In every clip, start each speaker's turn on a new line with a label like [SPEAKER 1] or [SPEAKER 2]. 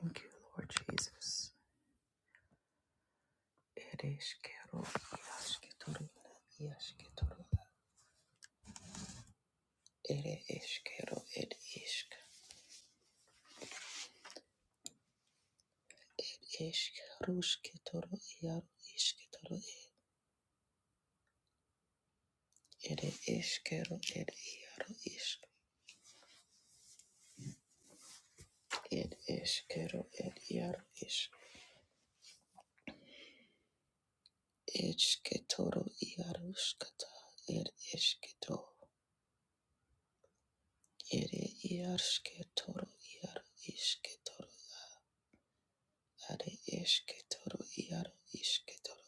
[SPEAKER 1] Thank you, Lord Jesus. Ere eskero, iasketoro, iasketoro, ere eskero, ed isk, ed isk, iaro, isketoro, ere eskero, ed iaro, isk, ed eskero, ed iaro, isk, esketoro, iaro, ed esketo, ere iasketoro, iaro, isketoro, are esketoro, iaro, isketoro.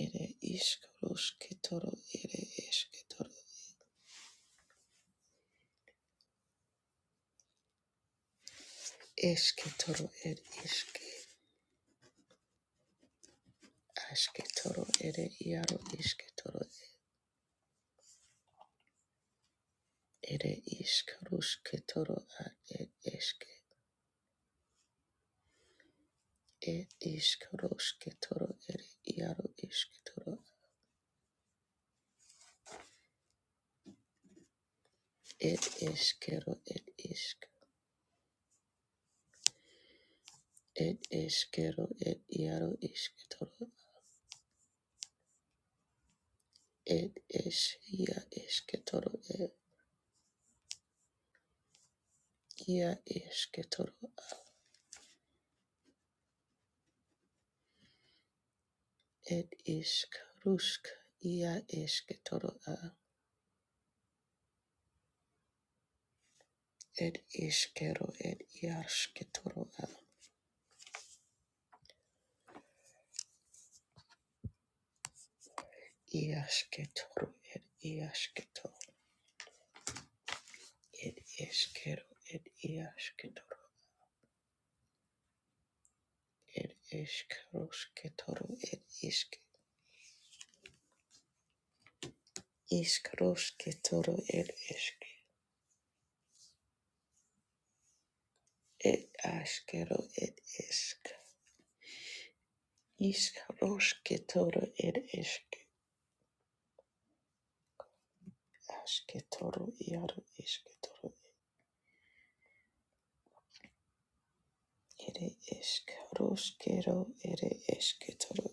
[SPEAKER 1] Ere iskaros ketoro ere esketoro, esketoro, ere iske ashketoro, ere iaro isketoro ere ishkarushketoro, ad ed eske, ed iskaros ketoro ere iaro isketoro ed eskero, ed isk ed eskero, ed iaro isketoro ed es ia esketoro, ed ia esketoro. Ed ishk rushk ia ishke toro a. Ed ishkero ed iashke toro a. Iashke toro ed iashke to. Ed ishkero ed iashke toro. Ed ishk rushke toro ed ishke. Ishk rushke toro ed ishke. Ed ashkero ed ishk. Ishk rushke toro ed ishke. Ashke toro iaro ishke toro Ere eskeroskero, ere esketoro,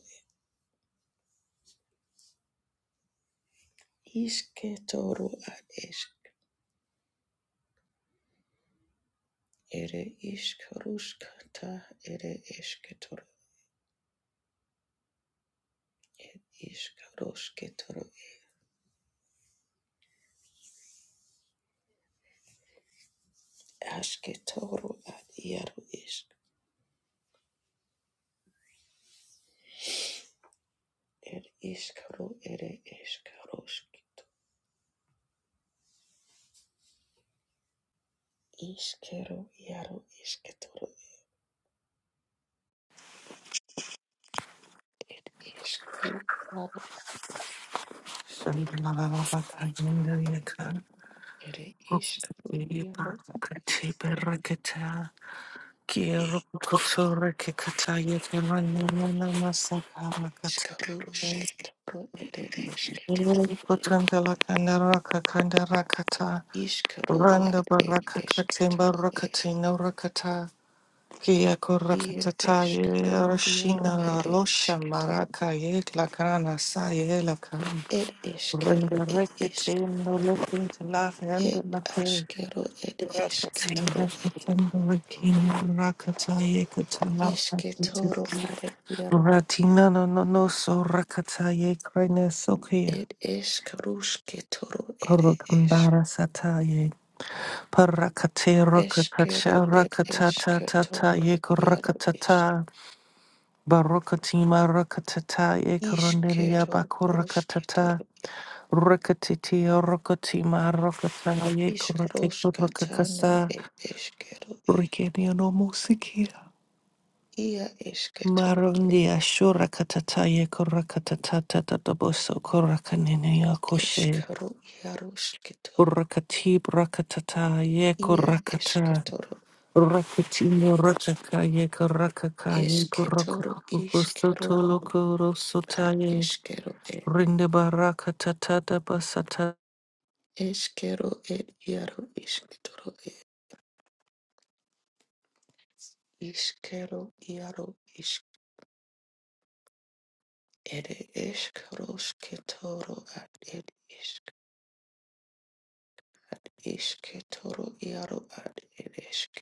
[SPEAKER 1] isketoro ad esk, ere iskaruskata, ere esketoro, iskarusketoro, asketoro ad iaru isk, er iskaro, ere eskaruskito, iskero, iaru isketoro, ere iskaru, iaru, ere iskaru, iaru ad iskarusketoro, ere esketoro. Ishkaro
[SPEAKER 2] Randa
[SPEAKER 1] ad ed
[SPEAKER 2] baraka katimba
[SPEAKER 1] eshketoro e
[SPEAKER 2] rakatina rakata kia
[SPEAKER 1] ir
[SPEAKER 2] korakata taye
[SPEAKER 1] eshkaro iaro
[SPEAKER 2] rashina
[SPEAKER 1] ere
[SPEAKER 2] ralosha
[SPEAKER 1] eshketoro
[SPEAKER 2] maraka ye lakana sa
[SPEAKER 1] ed
[SPEAKER 2] Bring
[SPEAKER 1] eshkero
[SPEAKER 2] the
[SPEAKER 1] ed ishk
[SPEAKER 2] ricketing, the looking to laugh and the
[SPEAKER 1] ed
[SPEAKER 2] lucky.
[SPEAKER 1] ashkero ed
[SPEAKER 2] Racketing,
[SPEAKER 1] eshketoro ed
[SPEAKER 2] racketing, the looking, racketaye, good to laugh and to
[SPEAKER 1] eshketoro are iaro
[SPEAKER 2] Ratina, no, no, no, so racketaye, crines, okay.
[SPEAKER 1] ed eshkarushketoro ere eshk
[SPEAKER 2] Parukandara sataye, parakate
[SPEAKER 1] eshkero
[SPEAKER 2] rakatacha
[SPEAKER 1] ed
[SPEAKER 2] rakatata tata
[SPEAKER 1] eshketoro iaro ishk
[SPEAKER 2] rakatata, barokatima rakatata yek ronderia
[SPEAKER 1] ishkero
[SPEAKER 2] bakurakatata.
[SPEAKER 1] rusketoro
[SPEAKER 2] Rukatiti, rukatima, rukataye, kurate,
[SPEAKER 1] ishkaroshkatana
[SPEAKER 2] kurakakasa,
[SPEAKER 1] ed eshkero
[SPEAKER 2] rikeniano musiki
[SPEAKER 1] ia eshketoro
[SPEAKER 2] Marundi ashura katataye, kurakatata, tataboso, kurakanene, akoshe.
[SPEAKER 1] Eskero iaroskito
[SPEAKER 2] Urakati, brakatataye,
[SPEAKER 1] ia
[SPEAKER 2] kurakata.
[SPEAKER 1] esketoro
[SPEAKER 2] Rakatino, ratakaye, kurakakaye,
[SPEAKER 1] esketoro iskero
[SPEAKER 2] kurakukukusoto, lokoro,
[SPEAKER 1] ad
[SPEAKER 2] sotaye.
[SPEAKER 1] eskero e
[SPEAKER 2] Rinde barakatata,
[SPEAKER 1] eskero ed iaro isketoro e iskero iaro isk ere eskarosketoro ad ed isk ad isketoro iaro ad ed esk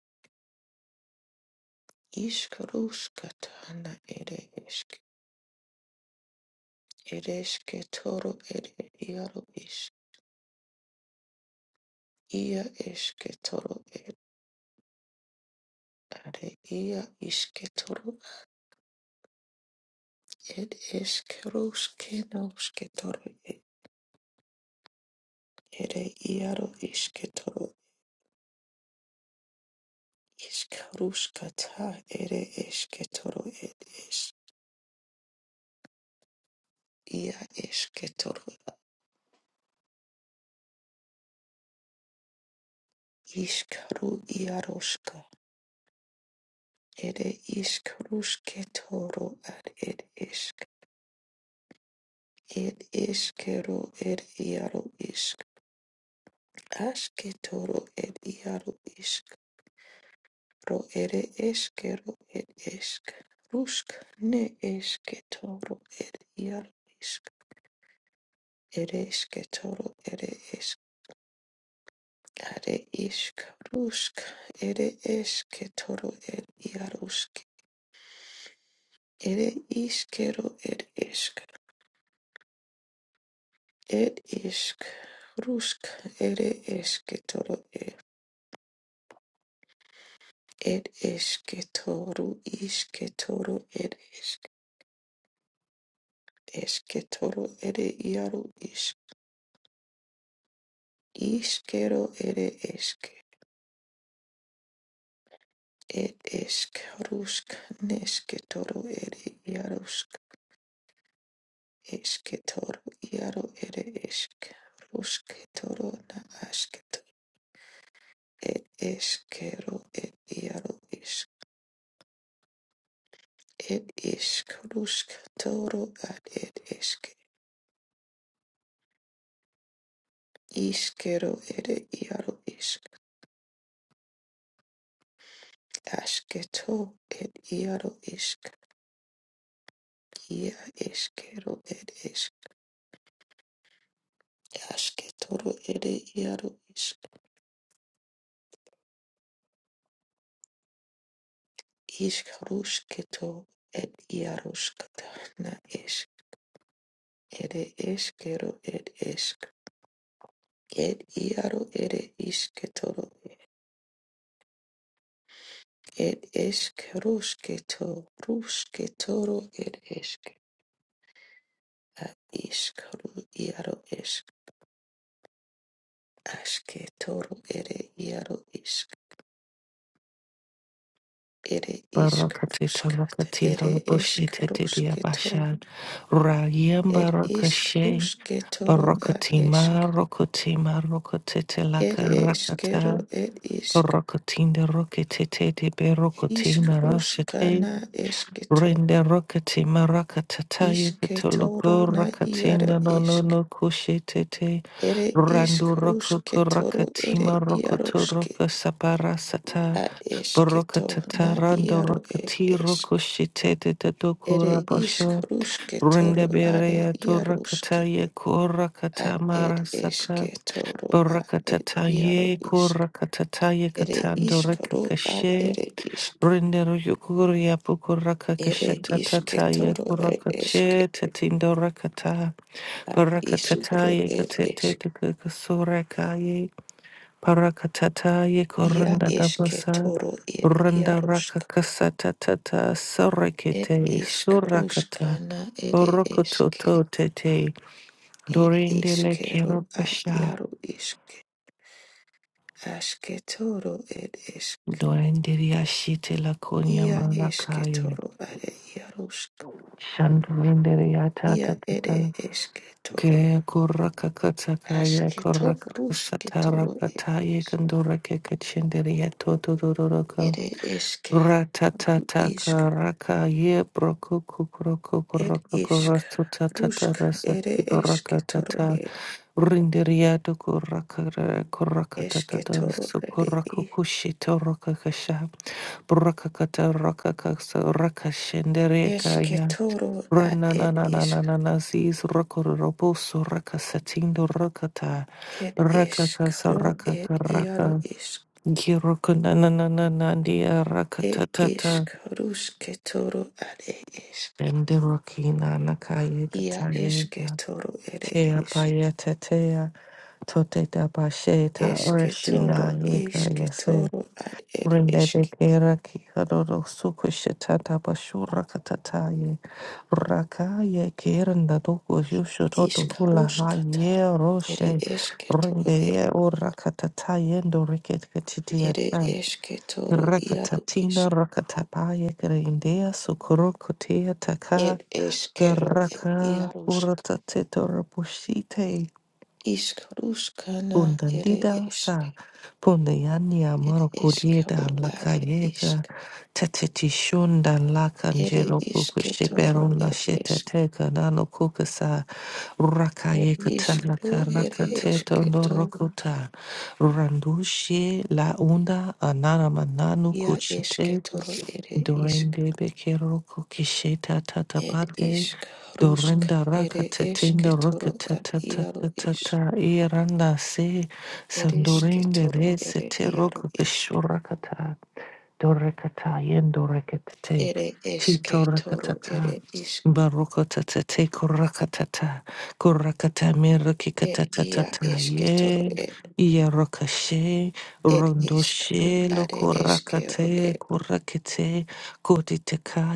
[SPEAKER 1] iskaroskatana ere esk ere esketoro ere iaro isk ia esketoro Are ia isketoro ed eskeruskenasketoro ere iaro isketoro iskaruskata ere esketoro ed es ia esketoro iskaru iaroska ere iskarusketoro ad ed esk ed eskero ed iaro isk asketoro ed iaro isk Ro ere eske ro ed esk. Rusk ne eske toro ed iar isk. Ere eske toro ere esk. Are isk rusk. Ere eske toro ed iar usk. Ere iske ro ed esk. Ed isk. Rusk ere eske toro ed. Ed eske toro iske toro ed esk. Eske toro ere iaru isk. Iskero ere esk, et esk rusk nesketoro ere iarusk, esketoro iaru ere esk, rusketoro na asketo, et eskero et iaru isk, et isk rusk toro ad et esk, iskero ere iaru isk, asketo et iaru isk, ia eskero et esk, asketoro ere iaru isk. Ishkarushketo et iarushkata na ish ere eskero et esk et iaru ere isketoro et eskerushketo rusketoro et esk a ishkaru iaru esk asketoro ere iaru isk ere
[SPEAKER 2] Barakatita
[SPEAKER 1] ishkarushkat
[SPEAKER 2] rakatita
[SPEAKER 1] ere
[SPEAKER 2] rabushita tidia
[SPEAKER 1] eskarushketo
[SPEAKER 2] bashad. Rayem
[SPEAKER 1] et
[SPEAKER 2] barakashe.
[SPEAKER 1] ishkarushketoro et
[SPEAKER 2] Barakatima
[SPEAKER 1] esk
[SPEAKER 2] rokotima rokotete
[SPEAKER 1] et
[SPEAKER 2] laka
[SPEAKER 1] eskero
[SPEAKER 2] rakata.
[SPEAKER 1] et isk
[SPEAKER 2] Barakatinda roketete de berokotina
[SPEAKER 1] Ishkarushka
[SPEAKER 2] rasete.
[SPEAKER 1] na esketo.
[SPEAKER 2] Rende rokatima rakatataye katoloko
[SPEAKER 1] Ishketoro na iaro
[SPEAKER 2] rakatinda no no
[SPEAKER 1] esk.
[SPEAKER 2] no kushetete.
[SPEAKER 1] Ere
[SPEAKER 2] Randu rokoko
[SPEAKER 1] ishkarushketoro
[SPEAKER 2] rakatima
[SPEAKER 1] ere
[SPEAKER 2] rokoto
[SPEAKER 1] iaroske.
[SPEAKER 2] roka saparasata.
[SPEAKER 1] A esketo na
[SPEAKER 2] Brokatatarando
[SPEAKER 1] iaro e
[SPEAKER 2] rakati
[SPEAKER 1] esk.
[SPEAKER 2] rokoshite de
[SPEAKER 1] Ere
[SPEAKER 2] dokura basho.
[SPEAKER 1] ishkarushketoro are
[SPEAKER 2] Rindeberea to
[SPEAKER 1] iaroske.
[SPEAKER 2] rakataye
[SPEAKER 1] A ed
[SPEAKER 2] korakata sata.
[SPEAKER 1] esketoro a ed iaro
[SPEAKER 2] Brakatataye
[SPEAKER 1] isk.
[SPEAKER 2] korakatataye
[SPEAKER 1] Ere
[SPEAKER 2] katando
[SPEAKER 1] ishkaru ad
[SPEAKER 2] rekakashe.
[SPEAKER 1] ere isk.
[SPEAKER 2] Rindero yukuria
[SPEAKER 1] Ere
[SPEAKER 2] pukurakakashatatataye
[SPEAKER 1] ishketoro ed esk.
[SPEAKER 2] korakache tetindo rakata.
[SPEAKER 1] A ishkaru
[SPEAKER 2] Brakatataye
[SPEAKER 1] ed
[SPEAKER 2] katete
[SPEAKER 1] esk.
[SPEAKER 2] de kasurekaye. Parakatata
[SPEAKER 1] Ia
[SPEAKER 2] yekoranda
[SPEAKER 1] eske
[SPEAKER 2] dabasa
[SPEAKER 1] toro ed
[SPEAKER 2] randa
[SPEAKER 1] iarusk
[SPEAKER 2] rakakasata tata
[SPEAKER 1] ed
[SPEAKER 2] sarakete
[SPEAKER 1] isk
[SPEAKER 2] surakata
[SPEAKER 1] ruskana ere eske
[SPEAKER 2] borokototo tete
[SPEAKER 1] ed
[SPEAKER 2] dorendele
[SPEAKER 1] iskero al
[SPEAKER 2] kerobasha
[SPEAKER 1] iaru isk aske toro ed esk
[SPEAKER 2] doenderiashite lakonia
[SPEAKER 1] ia eske
[SPEAKER 2] manakaye
[SPEAKER 1] toro are iarusk
[SPEAKER 2] shandorenderiata
[SPEAKER 1] ia ere
[SPEAKER 2] tatata
[SPEAKER 1] eske toro
[SPEAKER 2] ke korakakatakaya
[SPEAKER 1] aske to ruske
[SPEAKER 2] korakasata
[SPEAKER 1] toro ed
[SPEAKER 2] rakataye
[SPEAKER 1] esk
[SPEAKER 2] kandorake kachenderiato
[SPEAKER 1] ere eske ru
[SPEAKER 2] Ratatataka
[SPEAKER 1] isk
[SPEAKER 2] raka ye broku kukroku
[SPEAKER 1] ed
[SPEAKER 2] kuroko
[SPEAKER 1] isk
[SPEAKER 2] rasu tatata
[SPEAKER 1] rusk
[SPEAKER 2] rasa
[SPEAKER 1] ere eske
[SPEAKER 2] tibaraka
[SPEAKER 1] toro
[SPEAKER 2] tata
[SPEAKER 1] e
[SPEAKER 2] rinderia do kuraka kuraka
[SPEAKER 1] eske
[SPEAKER 2] tatata
[SPEAKER 1] toro ere i
[SPEAKER 2] sukuraku kushito roka kasha braka kata raka kaksa raka shendere
[SPEAKER 1] Eske
[SPEAKER 2] kaya
[SPEAKER 1] toro at it isk.
[SPEAKER 2] Ranananananana zis rokoro roboso raka satindo rakata
[SPEAKER 1] It
[SPEAKER 2] raka
[SPEAKER 1] isk
[SPEAKER 2] kasa
[SPEAKER 1] ro
[SPEAKER 2] raka
[SPEAKER 1] it iaro
[SPEAKER 2] karaka
[SPEAKER 1] isk.
[SPEAKER 2] Girokunananananandia raka
[SPEAKER 1] It
[SPEAKER 2] tatata
[SPEAKER 1] isk ruske toro at it isk.
[SPEAKER 2] Enderokina nakaye
[SPEAKER 1] Ia
[SPEAKER 2] kataye
[SPEAKER 1] eske toro ere
[SPEAKER 2] tea
[SPEAKER 1] isk.
[SPEAKER 2] paye tetea tote da basheta
[SPEAKER 1] Eske
[SPEAKER 2] oreshina
[SPEAKER 1] toro
[SPEAKER 2] yeka
[SPEAKER 1] iske
[SPEAKER 2] yase
[SPEAKER 1] toro at it
[SPEAKER 2] rindebe
[SPEAKER 1] isk.
[SPEAKER 2] kera ki kadoro sukushita da bashura katataye rakaye kerenda doko yusho toto
[SPEAKER 1] Isk
[SPEAKER 2] hula
[SPEAKER 1] ruskata.
[SPEAKER 2] haye
[SPEAKER 1] Ere
[SPEAKER 2] roshe
[SPEAKER 1] eske toro e.
[SPEAKER 2] rindeye ora katataye ndo riket katidia
[SPEAKER 1] Ere
[SPEAKER 2] tan
[SPEAKER 1] eske toro iaro
[SPEAKER 2] Rakatatina
[SPEAKER 1] isk.
[SPEAKER 2] rakatapaye kerendea sukuro kotea
[SPEAKER 1] It eskero e
[SPEAKER 2] Garaka
[SPEAKER 1] iarusk.
[SPEAKER 2] uratatetor pushite
[SPEAKER 1] Isk ruskana ere
[SPEAKER 2] bundandida
[SPEAKER 1] isk
[SPEAKER 2] sa pundayania
[SPEAKER 1] It ishk
[SPEAKER 2] marokudieda
[SPEAKER 1] ru
[SPEAKER 2] la
[SPEAKER 1] are
[SPEAKER 2] cayega
[SPEAKER 1] isk.
[SPEAKER 2] tetetishunda la
[SPEAKER 1] Ere
[SPEAKER 2] cangelo
[SPEAKER 1] ishketoro
[SPEAKER 2] kukushiperuna
[SPEAKER 1] er ishk.
[SPEAKER 2] sheteteka nano kukasa
[SPEAKER 1] Er
[SPEAKER 2] rakayeka
[SPEAKER 1] ishk
[SPEAKER 2] tanaka
[SPEAKER 1] ru ere
[SPEAKER 2] rakatetor
[SPEAKER 1] ishketo.
[SPEAKER 2] norokuta randushi la unda anana mananu
[SPEAKER 1] Ya ishketoro ere isk.
[SPEAKER 2] Dorende bekero kokisheta
[SPEAKER 1] Ed
[SPEAKER 2] tatapate.
[SPEAKER 1] isk rusk
[SPEAKER 2] Dorenda
[SPEAKER 1] ere
[SPEAKER 2] rakatatinda
[SPEAKER 1] ishketoro er iaro isk.
[SPEAKER 2] rokatatatata iranda se.
[SPEAKER 1] Ere
[SPEAKER 2] Sandorende
[SPEAKER 1] ishketoro
[SPEAKER 2] re
[SPEAKER 1] ere
[SPEAKER 2] sete
[SPEAKER 1] iaro isk.
[SPEAKER 2] rokokishurakata. Dorekata yendorekate.
[SPEAKER 1] Ere
[SPEAKER 2] Tito
[SPEAKER 1] ishketoro
[SPEAKER 2] rakatata.
[SPEAKER 1] ere isk.
[SPEAKER 2] Barokatatate kurakatata. Kurakata
[SPEAKER 1] Ed ia
[SPEAKER 2] mirukikatatata.
[SPEAKER 1] ishketoro
[SPEAKER 2] Ye.
[SPEAKER 1] ed.
[SPEAKER 2] Yarokashe.
[SPEAKER 1] Ed ishk ru
[SPEAKER 2] Rondoshe
[SPEAKER 1] are ishkero
[SPEAKER 2] lokurakate. Kurakete. Kotiteka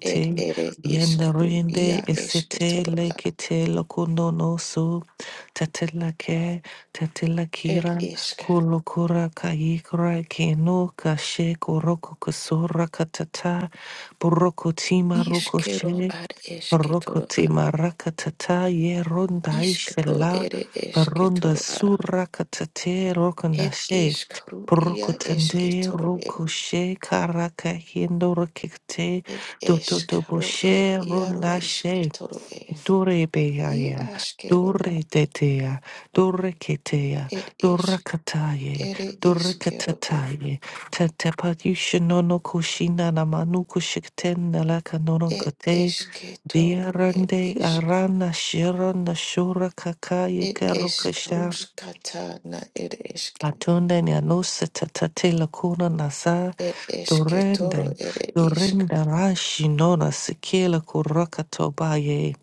[SPEAKER 1] Ed ere iskaru ia
[SPEAKER 2] Yandarende esete
[SPEAKER 1] esketoro a.
[SPEAKER 2] lekete lokunono su. Tatelake.
[SPEAKER 1] Ed
[SPEAKER 2] Tatelakiran.
[SPEAKER 1] isk.
[SPEAKER 2] Kulukura kaikra keno kashe koroko kusura katata buroko tima
[SPEAKER 1] Iskero
[SPEAKER 2] rokoshe
[SPEAKER 1] ad
[SPEAKER 2] Roko
[SPEAKER 1] esketoro a.
[SPEAKER 2] tima rakatata ye ronda
[SPEAKER 1] Iskro
[SPEAKER 2] ishela
[SPEAKER 1] ere
[SPEAKER 2] baronda
[SPEAKER 1] esketoro a.
[SPEAKER 2] sura katate
[SPEAKER 1] Ed
[SPEAKER 2] rokonashe
[SPEAKER 1] iskru
[SPEAKER 2] Poroko
[SPEAKER 1] ia
[SPEAKER 2] tende
[SPEAKER 1] esketoro e.
[SPEAKER 2] roko she karaka hindo rokikte
[SPEAKER 1] Ed
[SPEAKER 2] dodo
[SPEAKER 1] eskro ed
[SPEAKER 2] doboshe
[SPEAKER 1] iaro
[SPEAKER 2] ronda
[SPEAKER 1] isketoro e.
[SPEAKER 2] Dore
[SPEAKER 1] I
[SPEAKER 2] beaya,
[SPEAKER 1] askero a.
[SPEAKER 2] dore detea, dore ketea,
[SPEAKER 1] Ed
[SPEAKER 2] dora
[SPEAKER 1] isk.
[SPEAKER 2] kataye,
[SPEAKER 1] Ere
[SPEAKER 2] dora
[SPEAKER 1] iskero e.
[SPEAKER 2] katataye, tatapayusha nono kushina namanu kushikten nalaka nonon
[SPEAKER 1] Ed
[SPEAKER 2] kate,
[SPEAKER 1] esketoro ed
[SPEAKER 2] diarande
[SPEAKER 1] isk.
[SPEAKER 2] arana shira nashura kakaye
[SPEAKER 1] Ed
[SPEAKER 2] karukasha,
[SPEAKER 1] eskruskatana ed esk.
[SPEAKER 2] atunde nyanusa tatate lakuna nasa,
[SPEAKER 1] It is Ketoro,
[SPEAKER 2] dorende,
[SPEAKER 1] it is
[SPEAKER 2] dorenda rashi nona sikila kuraka tobaye.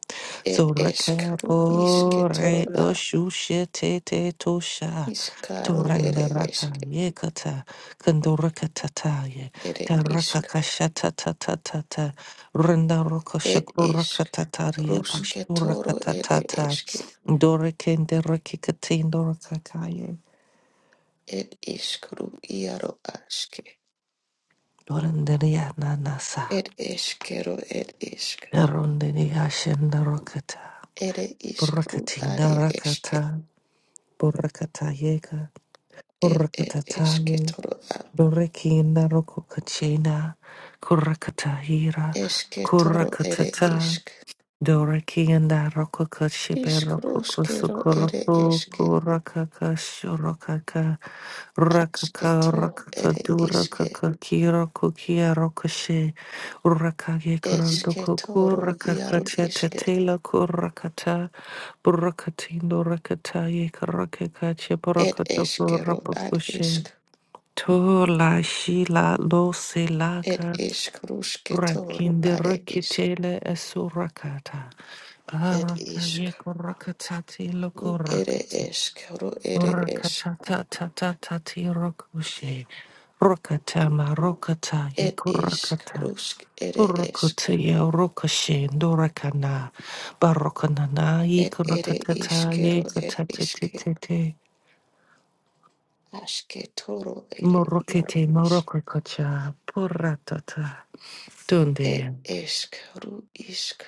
[SPEAKER 1] it is Kru is
[SPEAKER 2] Torakapore
[SPEAKER 1] Ketoro, a
[SPEAKER 2] oshushe tete tosha.
[SPEAKER 1] iskaro ere
[SPEAKER 2] Torandaraka
[SPEAKER 1] esk
[SPEAKER 2] yekata kandorakatata ye
[SPEAKER 1] ere it is
[SPEAKER 2] karakakashatatata randaroka
[SPEAKER 1] it is it is
[SPEAKER 2] shakurakatataria
[SPEAKER 1] Rus Ketoro, it
[SPEAKER 2] pashurakatata
[SPEAKER 1] is
[SPEAKER 2] dorekenderekikatindorakaye
[SPEAKER 1] it is Kru Iaro aske.
[SPEAKER 2] dorandaria nanasa
[SPEAKER 1] It eskero It is
[SPEAKER 2] darondaria shendarokata
[SPEAKER 1] Kero, ere it is Kru, are
[SPEAKER 2] burakatindarakata
[SPEAKER 1] eske.
[SPEAKER 2] burakatayeka
[SPEAKER 1] It it is
[SPEAKER 2] burakatataye
[SPEAKER 1] esketoro a
[SPEAKER 2] Dorekina Rokukachina Kurakatahira
[SPEAKER 1] is Ketoro, it
[SPEAKER 2] Kurakatata
[SPEAKER 1] is
[SPEAKER 2] Dorekinda Rokukashibe
[SPEAKER 1] is Kruskero, it
[SPEAKER 2] Rokukusukuroku
[SPEAKER 1] is
[SPEAKER 2] Kurakakashurokaka Rakaka
[SPEAKER 1] Asketo, it
[SPEAKER 2] Rakakadura
[SPEAKER 1] is
[SPEAKER 2] Kakakiro Kukia Rokashi Urakage
[SPEAKER 1] Eske
[SPEAKER 2] Kurandoku
[SPEAKER 1] toro iaro
[SPEAKER 2] Rakakacha
[SPEAKER 1] iske.
[SPEAKER 2] Tetela Kurakata Burakatindo Rakataye Karakakache
[SPEAKER 1] Et
[SPEAKER 2] Burakatoko
[SPEAKER 1] eskero ad
[SPEAKER 2] Rapakushe
[SPEAKER 1] isk.
[SPEAKER 2] to la shila lo
[SPEAKER 1] Et
[SPEAKER 2] silaka
[SPEAKER 1] isk ruske toro
[SPEAKER 2] rakinde
[SPEAKER 1] are isk.
[SPEAKER 2] rakitele esurakata
[SPEAKER 1] Et
[SPEAKER 2] araka
[SPEAKER 1] isk
[SPEAKER 2] yeko rakatati
[SPEAKER 1] ru
[SPEAKER 2] loko
[SPEAKER 1] ere
[SPEAKER 2] rakata
[SPEAKER 1] esk ru ere es.
[SPEAKER 2] rakata tata ta ti rokushe rakata ma rakata
[SPEAKER 1] Et
[SPEAKER 2] yeko
[SPEAKER 1] isk
[SPEAKER 2] rakata
[SPEAKER 1] rusk ere esk.
[SPEAKER 2] burakata ye rokashe dorakana barokana na
[SPEAKER 1] Et
[SPEAKER 2] yeko
[SPEAKER 1] ere
[SPEAKER 2] rakata ta
[SPEAKER 1] iskero
[SPEAKER 2] yeko ta
[SPEAKER 1] et
[SPEAKER 2] tete ti ti
[SPEAKER 1] iske.
[SPEAKER 2] ti
[SPEAKER 1] Aske toro ere
[SPEAKER 2] morokete
[SPEAKER 1] iaro isk.
[SPEAKER 2] morokakacha puratata
[SPEAKER 1] Et
[SPEAKER 2] Tunde
[SPEAKER 1] esk ru isk.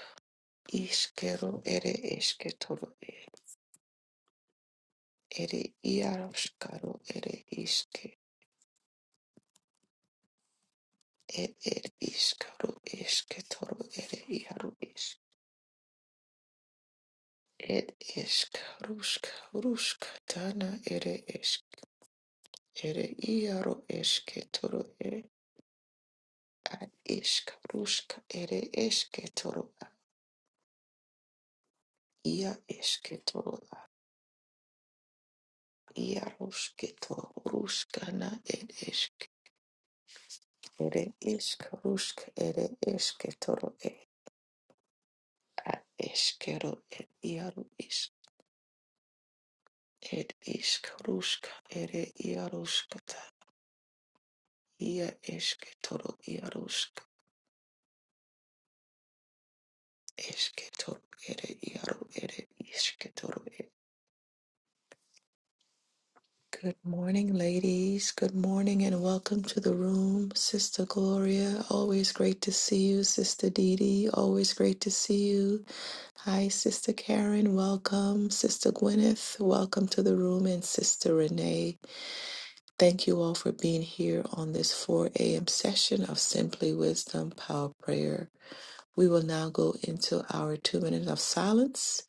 [SPEAKER 1] Iskero ere eske toro ere iaro skaro ere iske. It it is Karu, iskaru isketoru ere iharu is. It is Karuska, ruska Dana, ere isk ere iharu esketoru ere ad iskaruska ere esketoru a ia esketoru a ia rusketoru ruskana ed isk ere iskaruska ere esketoru e ad eskero ed iharu isk. It is. Ed iskaruska ere iharuskata. Ia esketoro iarosk esketoro ere iaro ere isketoro e. Good morning, ladies. Good morning and welcome to the room. Sister Gloria, always great to see you. Sister Dee Dee, always great to see you. Hi, Sister Karen, welcome. Sister Gwyneth, welcome to the room. And Sister Renee, thank you all for being here on this 4 a.m. session of Simply Wisdom Power Prayer. We will now go into our two minutes of silence.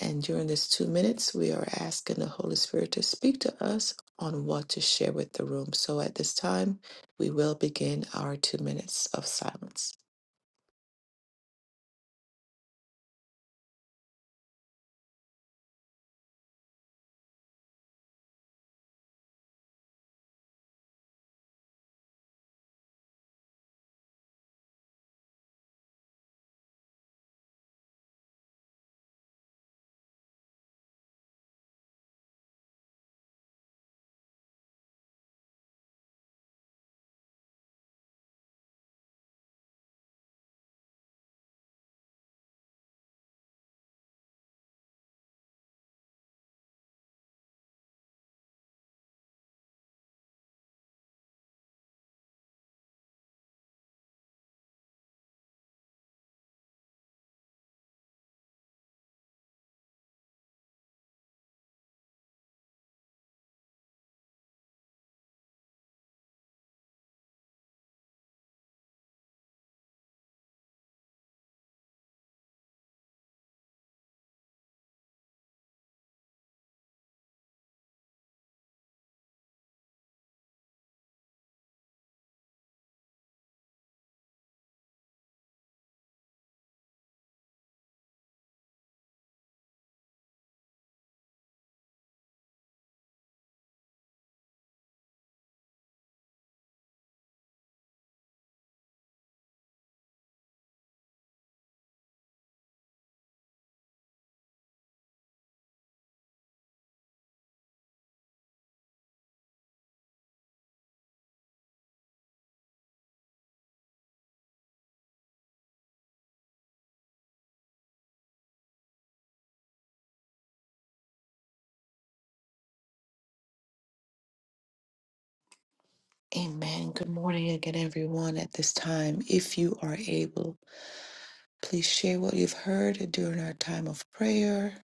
[SPEAKER 1] And during this two minutes, we are asking the Holy Spirit to speak to us on what to share with the room. So at this time, we will begin our two minutes of silence. Amen. Good morning again, everyone. At this time, if you are able, please share what you've heard during our time of prayer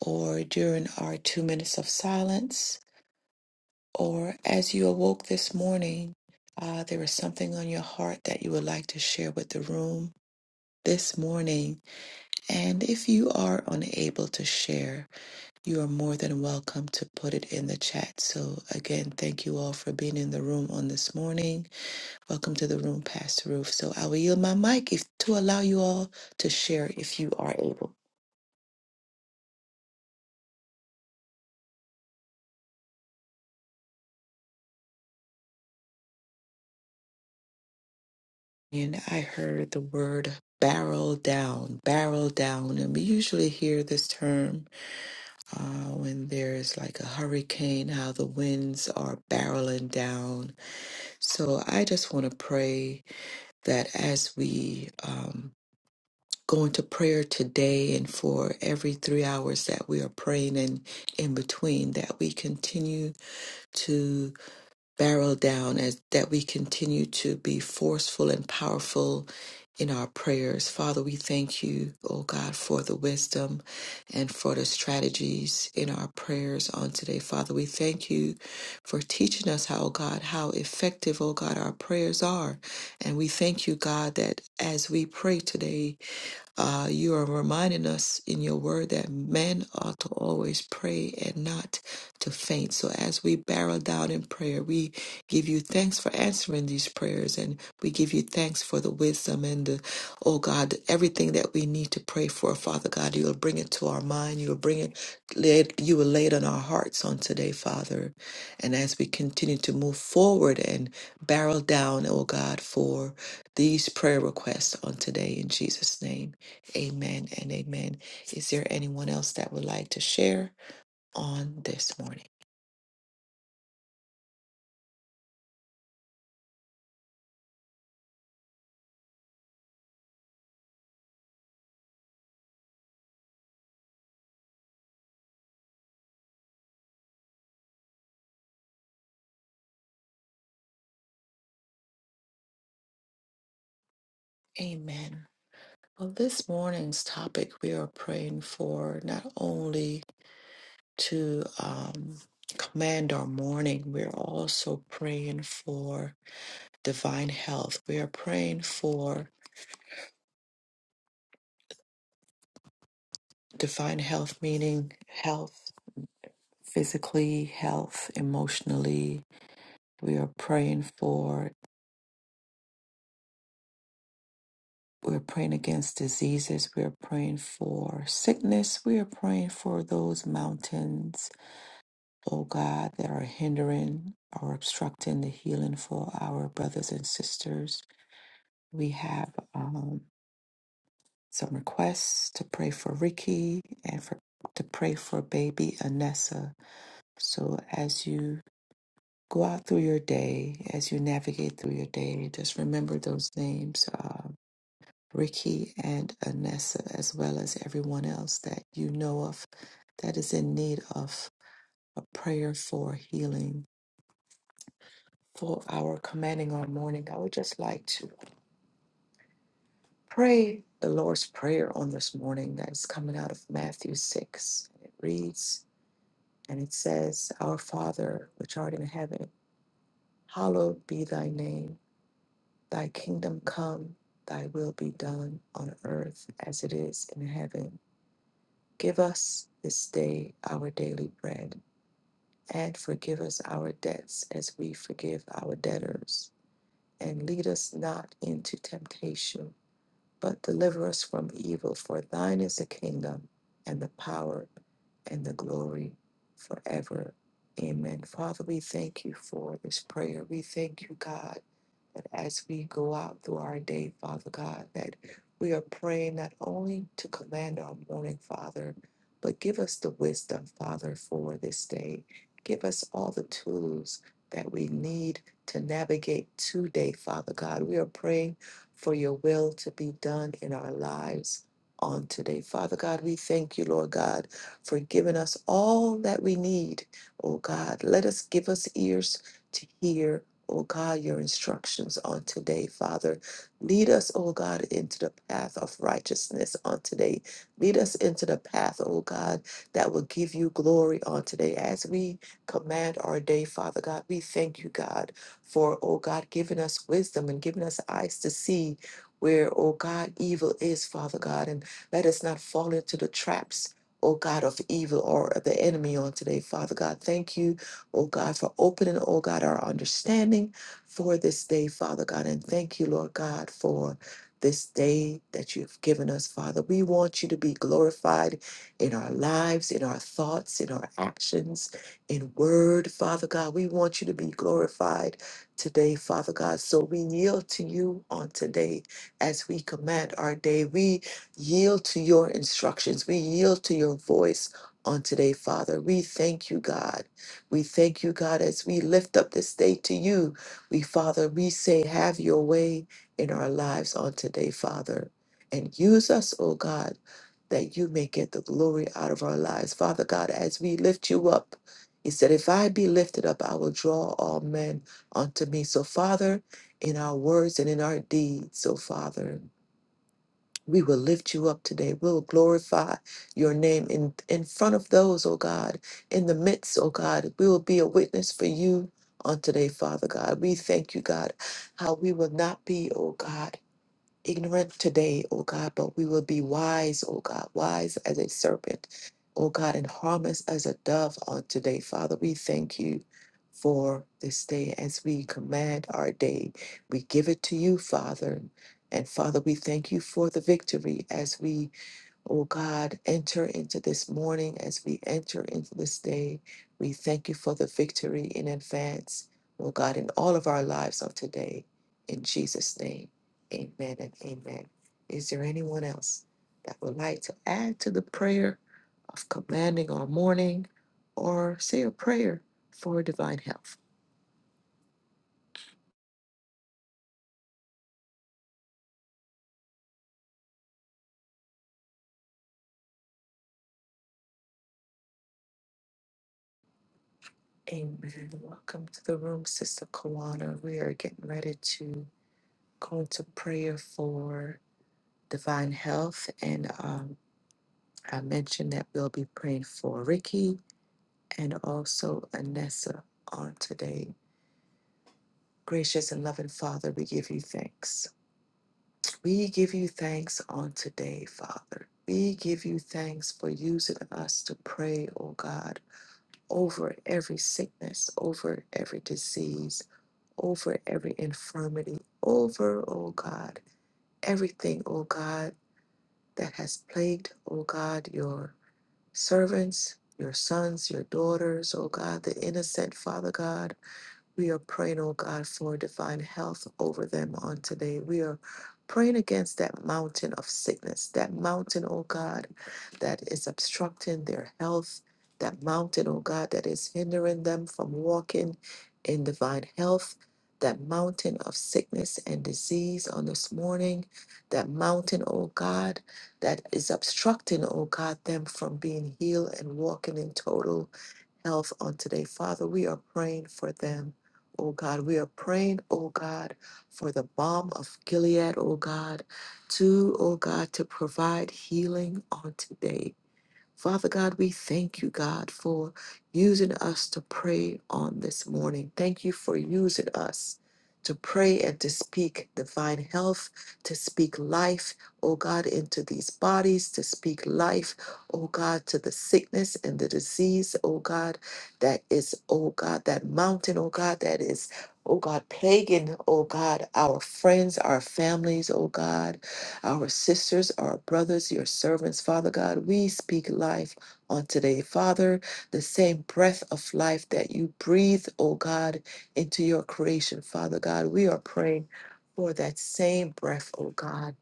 [SPEAKER 1] or during our two minutes of silence. or as you awoke this morning, uh, there is something on your heart that you would like to share with the room this morning. And if you are unable to share, you are more than welcome to put it in the chat. So, again, thank you all for being in the room on this morning. Welcome to the room, Pastor Roof. So, I will yield my mic if, to allow you all to share if you are able. And I heard the word barrel down, barrel down. And we usually hear this term uh, when there's like a hurricane, how the winds are barreling down. So I just want to pray that as we um, go into prayer today and for every three hours that we are praying and in in between, that we continue to barrel down as that we continue to be forceful and powerful in our prayers. Father, we thank you, oh God, for the wisdom and for the strategies in our prayers on today. Father, we thank you for teaching us how, oh God, how effective, oh God, our prayers are. And we thank you, God, that as we pray today, uh, you are reminding us in your word that men ought to always pray and not to faint. So as we barrel down in prayer, we give you thanks for answering these prayers and we give you thanks for the wisdom and the, oh God, everything that we need to pray for, Father God. You'll bring it to our mind. You'll bring it, lay you will lay it on our hearts on today, Father. And as we continue to move forward and barrel down, oh God, for these prayer requests on today in Jesus' name. Amen and amen. Is there anyone else that would like to share on this morning? Amen. Well, this morning's topic, we are praying for not only to um, command our morning, we're also praying for divine health. We are praying for divine health, meaning health physically, health emotionally. We are praying for We're praying against diseases. We're praying for sickness. We are praying for those mountains, oh God, that are hindering or obstructing the healing for our brothers and sisters. We have um, some requests to pray for Ricky and for to pray for baby Anessa. So as you go out through your day, as you navigate through your day, just remember those names. Uh, Ricky and Anessa, as well as everyone else that you know of that is in need of a prayer for healing. For our commanding our morning, I would just like to pray the Lord's Prayer on this morning that is coming out of Matthew 6. It reads, and it says, Our Father, which art in heaven, hallowed be thy name. Thy kingdom come, thy will be done on earth as it is in heaven. Give us this day our daily bread, and forgive us our debts as we forgive our debtors. And lead us not into temptation but deliver us from evil. For thine is the kingdom and the power and the glory forever. Amen. Father, we thank you for this prayer. We thank you, God, that as we go out through our day, Father God, that we are praying not only to command our morning, Father, but give us the wisdom, Father, for this day. Give us all the tools that we need to navigate today, Father God. We are praying for your will to be done in our lives on today. Father God, we thank you, Lord God, for giving us all that we need. Oh God, let us give us ears to hear. Oh God, your instructions on today, Father. Lead us, oh God, into the path of righteousness on today. Lead us into the path, oh God, that will give you glory on today. As we command our day, Father God, we thank you, God for, oh God, giving us wisdom and giving us eyes to see where, oh God, evil is, Father God. And let us not fall into the traps. Oh God of evil or of the enemy on today, Father God. Thank you, oh God, for opening, oh God, our understanding for this day, Father God. And thank you, Lord God, for this day that you've given us, Father. We want you to be glorified in our lives, in our thoughts, in our actions, in word, Father God. We want you to be glorified today, Father God. So we yield to you on today as we command our day. We yield to your instructions. We yield to your voice on today, Father. We thank you, God. We thank you, God, as we lift up this day to you. We, Father, we say, have your way in our lives on today, Father. And use us, oh God, that you may get the glory out of our lives. Father God, as we lift you up, he said, If I be lifted up, I will draw all men unto me. So, Father, in our words and in our deeds, so Father, we will lift you up today. We'll glorify your name in, in front of those, oh God, in the midst, oh God. We will be a witness for you on today, Father God. We thank you, God, how we will not be, oh God ignorant today, O God, but we will be wise, O God, wise as a serpent, O God, and harmless as a dove on today. Father, we thank you for this day as we command our day. We give it to you, Father. And Father, we thank you for the victory as we Oh God, enter into this morning as we enter into this day. We thank you for the victory in advance, oh God, in all of our lives of today. In Jesus' name, amen and amen. Is there anyone else that would like to add to the prayer of commanding our morning or say a prayer for divine health? Amen. Welcome to the room, Sister Kawana. We are getting ready to go into prayer for. divine health. And um, I mentioned that we'll be praying for Ricky and also Anessa on today. Gracious and loving Father, we give you thanks. We give you thanks on today, Father. We give you thanks for using us to pray, oh God, over every sickness, over every disease, over every infirmity, over, oh God, everything, oh God, that has plagued, oh God, your servants, your sons, your daughters, oh God, the innocent, Father God. We are praying, oh God, for divine health over them on today. We are praying against that mountain of sickness, that mountain, oh God, that is obstructing their health, that mountain, oh God, that is hindering them from walking in divine health. That mountain of sickness and disease on this morning, that mountain, oh God, that is obstructing, oh God, them from being healed and walking in total health on today. Father, we are praying for them, oh God. We are praying, oh God, for the balm of Gilead, oh God, to, oh God, to provide healing on today. Father God, we thank you, God, for using us to pray on this morning. Thank you for using us to pray and to speak divine health, to speak life, oh God, into these bodies, to speak life, oh God, to the sickness and the disease, oh God, that is, oh God, that mountain, oh God, that is, oh God, plaguing, oh God, our friends, our families, oh God our sisters, our brothers, your servants, Father God. We speak life on today, Father, the same breath of life that you breathe, oh God, into your creation, Father God. We are praying for that same breath, oh God,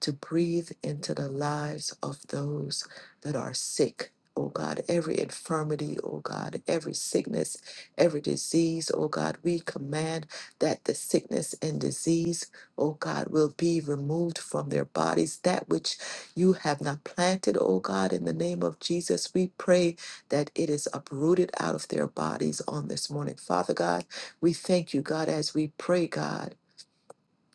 [SPEAKER 1] to breathe into the lives of those that are sick. Oh God, every infirmity, oh God, every sickness, every disease, oh God, we command that the sickness and disease oh God, will be removed from their bodies. That which you have not planted, oh God, in the name of Jesus, we pray that it is uprooted out of their bodies on this morning. Father God, we thank you, God, as we pray, God.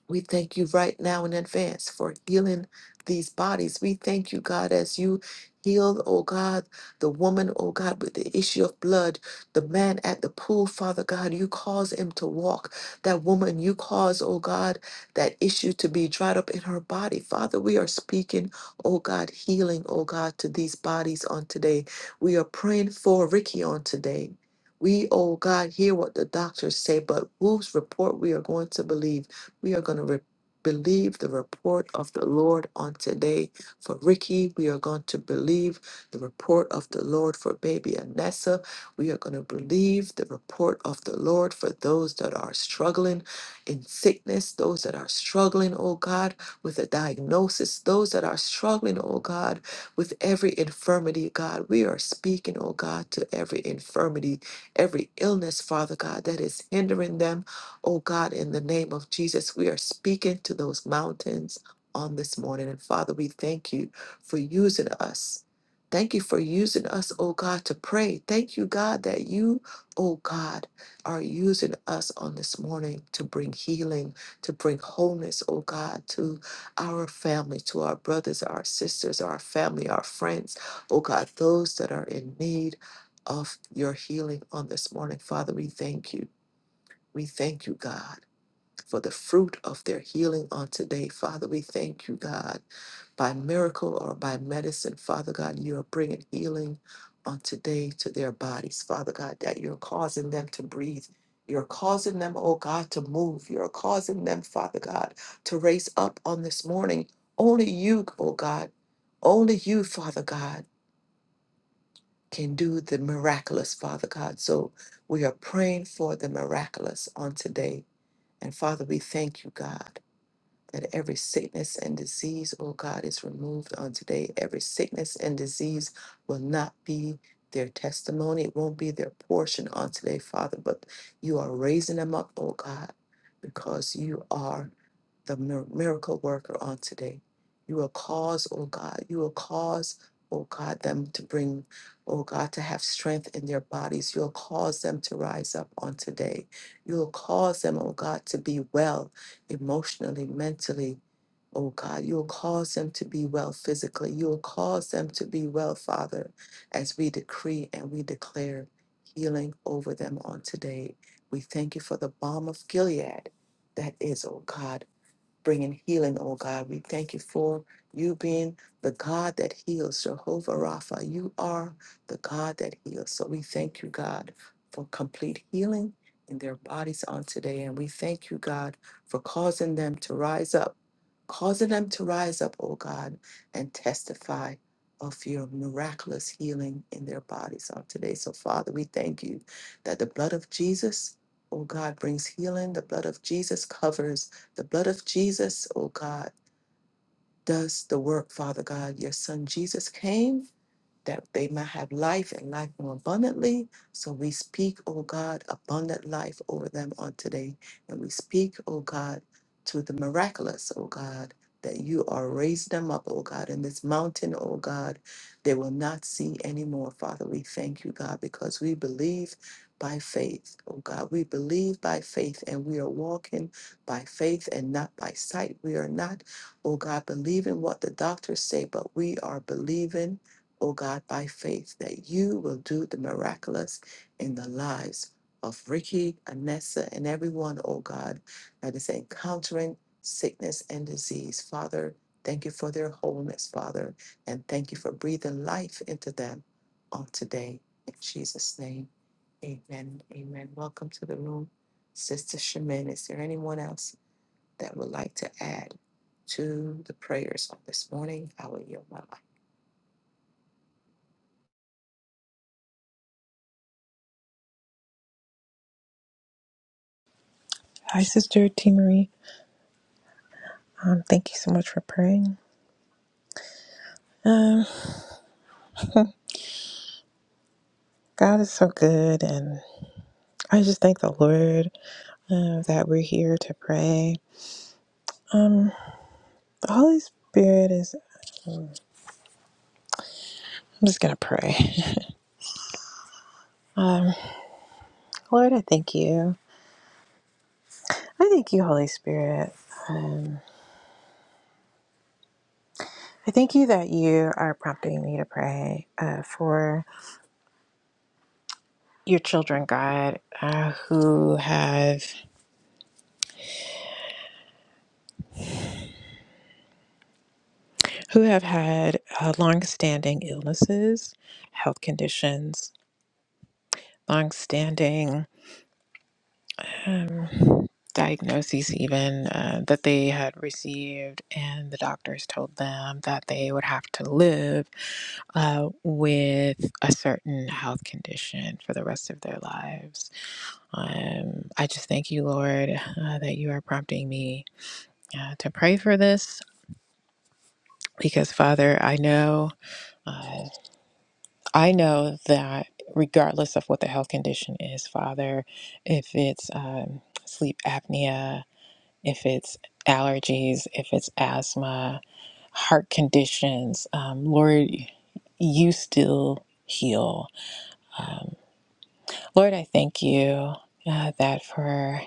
[SPEAKER 1] We thank you right now in advance for healing these bodies. We thank you, God, as you healed, oh God, the woman, oh God, with the issue of blood, the man at the pool, Father God, you cause him to walk. That woman, you cause, oh God, that issue to be dried up in her body. Father, we are speaking, oh God, healing, oh God, to these bodies on today. We are praying for Ricky on today. We, oh God, hear what the doctors say, but whose report we are going to believe. We are going to re- believe the report of the Lord on today for Ricky. We are going to believe the report of the Lord for baby Anessa. We are going to believe the report of the Lord for those that are struggling in sickness, those that are struggling, oh God, with a diagnosis, those that are struggling, oh God, with every infirmity, God. We are speaking, oh God, to every infirmity, every illness, Father God, that is hindering them. Oh God, in the name of Jesus, we are speaking to those mountains on this morning. And Father, we thank you for using us. Thank you for using us, oh God, to pray. Thank you, God, that you, oh God, are using us on this morning to bring healing, to bring wholeness, oh God, to our family, to our brothers, our sisters, our family, our friends, oh God, those that are in need of your healing on this morning. Father, we thank you. We thank you, God for the fruit of their healing on today. Father, we thank you, God, by miracle or by medicine. Father God, you are bringing healing on today to their bodies. Father God, that you're causing them to breathe. You're causing them, oh God, to move. You're causing them, Father God, to raise up on this morning. Only you, oh God, only you, Father God, can do the miraculous, Father God. So we are praying for the miraculous on today. And Father, we thank you, God that every sickness and disease, oh God, is removed on today. Every sickness and disease will not be their testimony, it won't be their portion on today, Father, but you are raising them up, oh God, because you are the mir- miracle worker on today. You will cause, oh God, you will cause, oh God, them to bring, oh God, to have strength in their bodies. You'll cause them to rise up on today. You'll cause them, oh God, to be well emotionally, mentally. Oh God, you will cause them to be well physically. You will cause them to be well, Father, as we decree and we declare healing over them on today. We thank you for the balm of Gilead that is, oh God, bringing healing, oh God. We thank you for you being the God that heals, Jehovah Rapha. You are the God that heals. So we thank you, God, for complete healing in their bodies on today. And we thank you, God, for causing them to rise up, causing them to rise up, oh God, and testify of your miraculous healing in their bodies on today. So, Father, we thank you that the blood of Jesus. Oh God brings healing. The blood of Jesus covers the blood of Jesus, oh God, does the work, Father God. Your son Jesus came that they might have life and life more abundantly. So we speak, O God, abundant life over them on today. And we speak, O God, to the miraculous, O God, that you are raised them up, O God, in this mountain, O God, they will not see anymore. Father, we thank you, God, because we believe by faith, O God. We believe by faith and we are walking by faith and not by sight. We are not oh God, believing what the doctors say, but we are believing, oh God, by faith that you will do the miraculous in the lives of Ricky, Anessa, and everyone, oh God, that is encountering sickness and disease. Father, thank you for their wholeness, Father, and thank you for breathing life into them on today. In Jesus' name, amen. Amen. Welcome to the room. Sister Shemin, is there anyone else? that would like to add to the prayers on this morning, I will yield my life.
[SPEAKER 3] Hi, Sister T. Marie. Um, thank you so much for praying. Um, God is so good, and I just thank the Lord uh, that we're here to pray. Um, the Holy Spirit is. I'm just gonna pray. Um, Lord, I thank you. I thank you, Holy Spirit. Um, I thank you that you are prompting me to pray uh, for your children, God, uh, who have who have had uh, long-standing illnesses, health conditions, longstanding um, diagnoses, even uh, that they had received, and the doctors told them that they would have to live uh, with a certain health condition for the rest of their lives. Um, I just thank you, Lord, uh, that you are prompting me uh, to pray for this. Because Father, I know, uh, I know that regardless of what the health condition is, Father, if it's um, sleep apnea, if it's allergies, if it's asthma, heart conditions. Um, Lord, you still heal. Um, Lord, I thank you uh, that for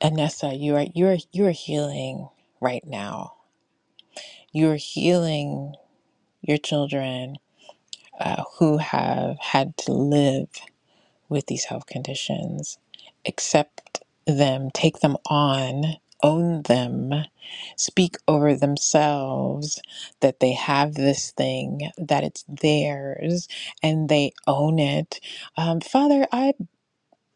[SPEAKER 3] Anessa, you are you are you are healing right now. You are healing your children uh, who have had to live. with these health conditions. Accept them, take them on, own them, speak over themselves that they have this thing, that it's theirs, and they own it. Um, Father, I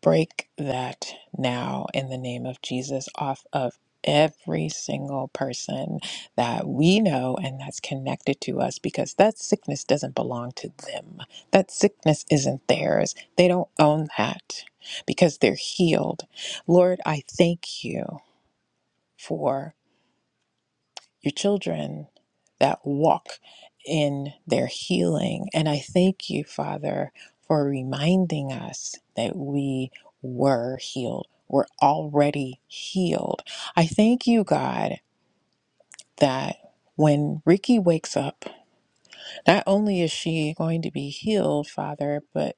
[SPEAKER 3] break that now in the name of Jesus off of every single person that we know and that's connected to us because that sickness doesn't belong to them. That sickness isn't theirs. They don't own that because they're healed. Lord, I thank you. For your children that walk in their healing. And I thank you, Father, for reminding us that we were healed. We're already healed. I thank you, God, that when Ricky wakes up, not only is she going to be healed, Father, but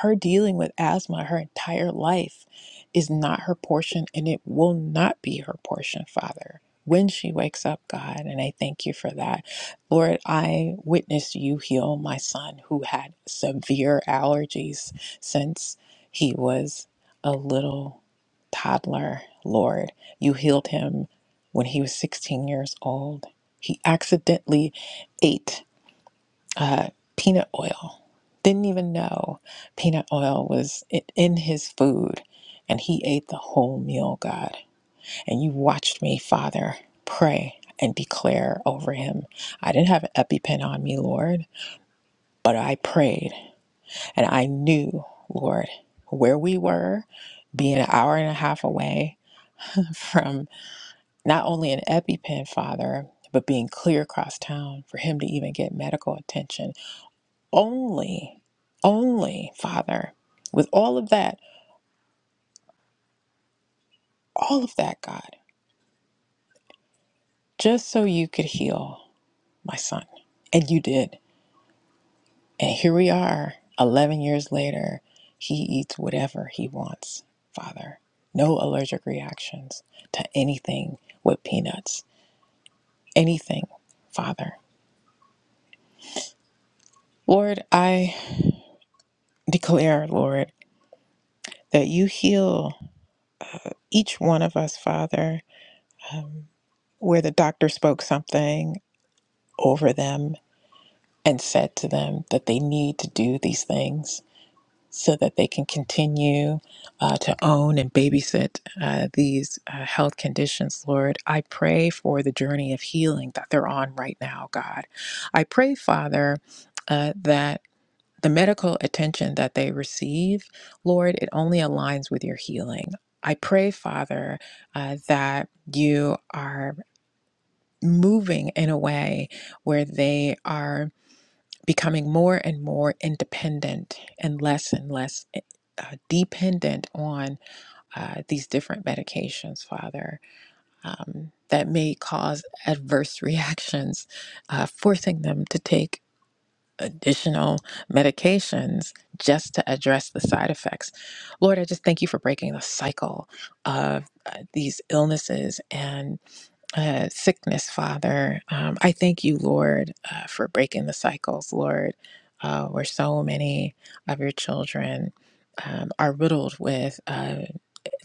[SPEAKER 3] her dealing with asthma her entire life is not her portion and it will not be her portion, Father. When she wakes up, God, and I thank you for that. Lord, I witnessed you heal my son who had severe allergies since he was a little toddler. Lord, you healed him when he was 16 years old. He accidentally ate uh, peanut oil. Didn't even know peanut oil was i- in his food. And he ate the whole meal, God. And you watched me, Father, pray and declare over him. I didn't have an EpiPen on me, Lord, but I prayed. And I knew, Lord, where we were, being an hour and a half away from not only an EpiPen, Father, but being clear across town for him to even get medical attention only, only, Father, with all of that, all of that, God, just so you could heal my son. And you did. And here we are, 11 years later. He eats whatever he wants, Father. No allergic reactions to anything with peanuts, anything, Father. Lord, I declare, Lord, that you heal each one of us, Father, um, where the doctor spoke something over them and said to them that they need to do these things so that they can continue uh, to own and babysit uh, these uh, health conditions, Lord. I pray for the journey of healing that they're on right now, God. I pray, Father, uh, that. The medical attention that they receive, Lord, it only aligns with your healing. I pray, Father, uh, that you are moving in a way where they are becoming more and more independent and less and less eh, uh, dependent on uh, these different medications, Father, um, that may cause adverse reactions, uh, forcing them to take additional medications just to address the side effects. Lord, I just thank you for breaking the cycle of uh, these illnesses and uh, sickness, Father. Um, I thank you, Lord, uh, for breaking the cycles, Lord, uh, where so many of your children um, are riddled with uh,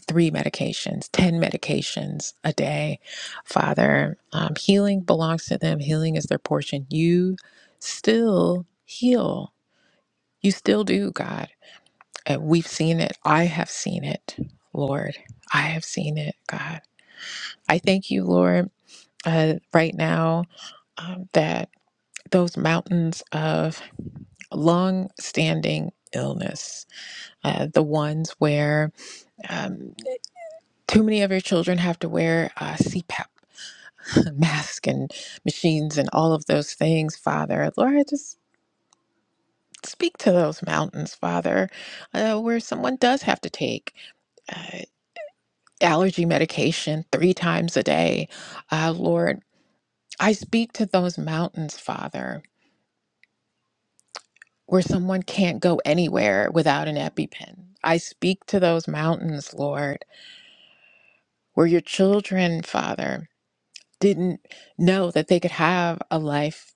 [SPEAKER 3] three medications, 10 medications a day. Father, um, healing belongs to them, healing is their portion. You still heal, you still do, God. And we've seen it. I have seen it, Lord. I have seen it, God. I thank you, Lord uh, right now um, that those mountains of long standing illness, uh, the ones where um, too many of your children have to wear uh, CPAP mask and machines and all of those things, Father. Lord, just speak to those mountains, Father, uh, where someone does have to take uh, allergy medication three times a day. Uh, Lord, I speak to those mountains, Father where someone can't go anywhere without an EpiPen. I speak to those mountains, Lord, where your children, Father, didn't know that they could have a life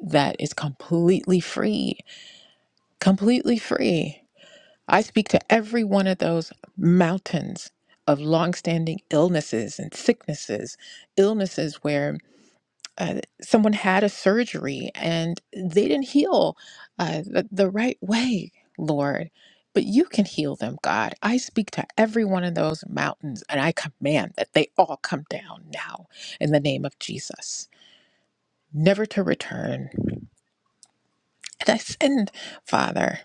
[SPEAKER 3] that is completely free, completely free. I speak to every one of those mountains of longstanding illnesses and sicknesses, illnesses where uh, someone had a surgery and they didn't heal uh, the, the right way, Lord. But you can heal them, God. I speak to every one of those mountains and I command that they all come down now in the name of Jesus, never to return. And I send, Father,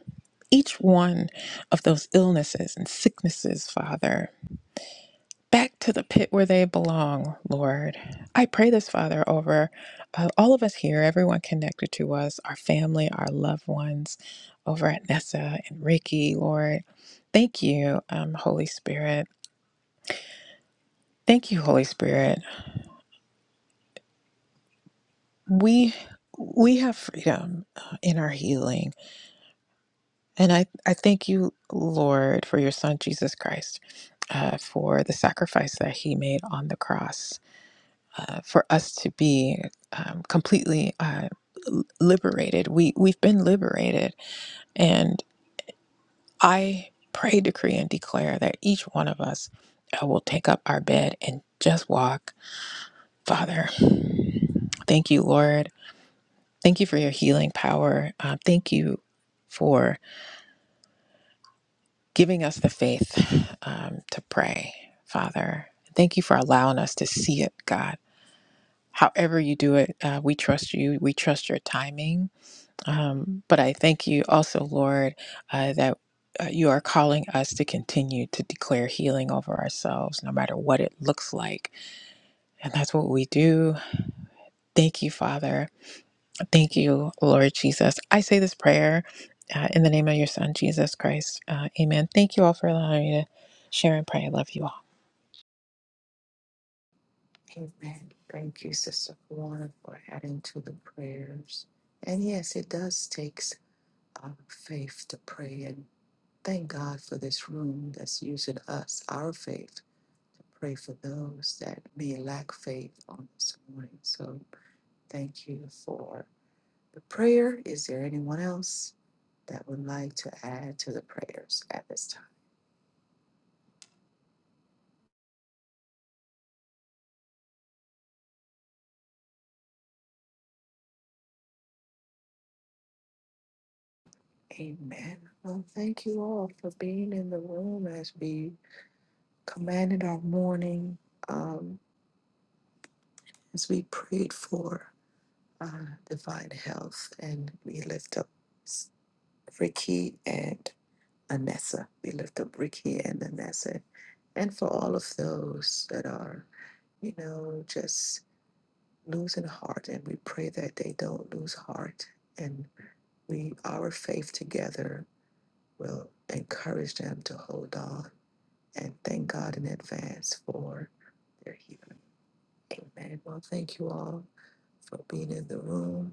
[SPEAKER 3] each one of those illnesses and sicknesses, Father. back to the pit where they belong, Lord. I pray this, Father, over uh, all of us here, everyone connected to us, our family, our loved ones, over at Nessa and Ricky, Lord. Thank you, um, Holy Spirit. Thank you, Holy Spirit. We we have freedom uh, in our healing, and I I thank you, Lord, for your Son Jesus Christ, uh, for the sacrifice that He made on the cross uh, for us to be um, completely uh, liberated. We we've been liberated, and I pray, decree, and declare that each one of us uh, will take up our bed and just walk. Father, thank you, Lord. Thank you for your healing power. Uh, thank you for giving us the faith um, to pray, Father. Thank you for allowing us to see it, God. However, you do it, uh, we trust you. We trust your timing Um, but I thank you also, Lord, uh, that uh, you are calling us to continue to declare healing over ourselves, no matter what it looks like. And that's what we do. Thank you, Father. Thank you, Lord Jesus. I say this prayer uh, in the name of your Son, Jesus Christ. Uh, amen. Thank you all for allowing me to share and pray. I love you all.
[SPEAKER 1] Amen. Thank you, Sister Kwan, for adding to the prayers. And yes, it does take uh, faith to pray. And thank God for this room that's using us, our faith, to pray for those that may lack faith on this morning. So thank you for the prayer. Is there anyone else that would like to add to the prayers at this time? Amen. Well, thank you all for being in the room as we commanded our morning, um, as we prayed for uh, divine health, and we lift up S- Ricky and Anessa. We lift up Ricky and Anessa, and for all of those that are, you know, just losing heart, and we pray that they don't lose heart and we our faith together will encourage them to hold on and thank God in advance for their healing. Amen. Well, thank you all for being in the room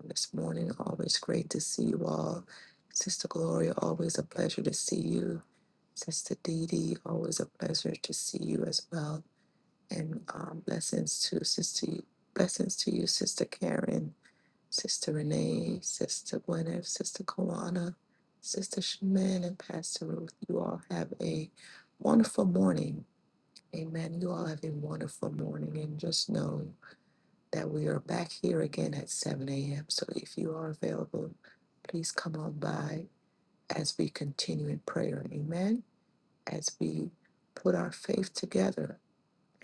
[SPEAKER 1] on this morning. Always great to see you all. Sister Gloria, always a pleasure to see you. Sister Dee Dee, always a pleasure to see you as well. And um, blessings to Sister, blessings to you, Sister Karen, Sister Renee, Sister Gwyneth, Sister Kawana, Sister Shaman, and Pastor Ruth. You all have a wonderful morning. Amen. You all have a wonderful morning and just know that we are back here again at 7 a.m. So if you are available, please come on by as we continue in prayer. Amen. As we put our faith together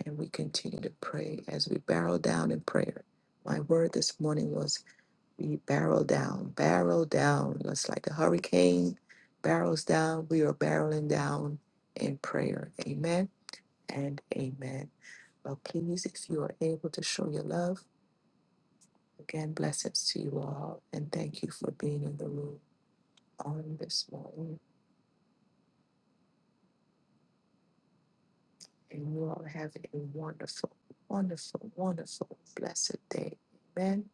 [SPEAKER 1] and we continue to pray as we barrel down in prayer. My word this morning was we barrel down, barrel down. That's like the hurricane barrels down. We are barreling down in prayer. Amen and amen. Well, please, if you are able to show your love, again, blessings to you all, and thank you for being in the room on this morning. And you all have a wonderful, wonderful, wonderful, blessed day. Amen.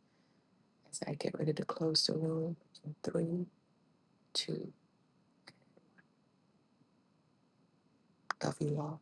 [SPEAKER 1] As I get ready to close the room in three, two, love you all.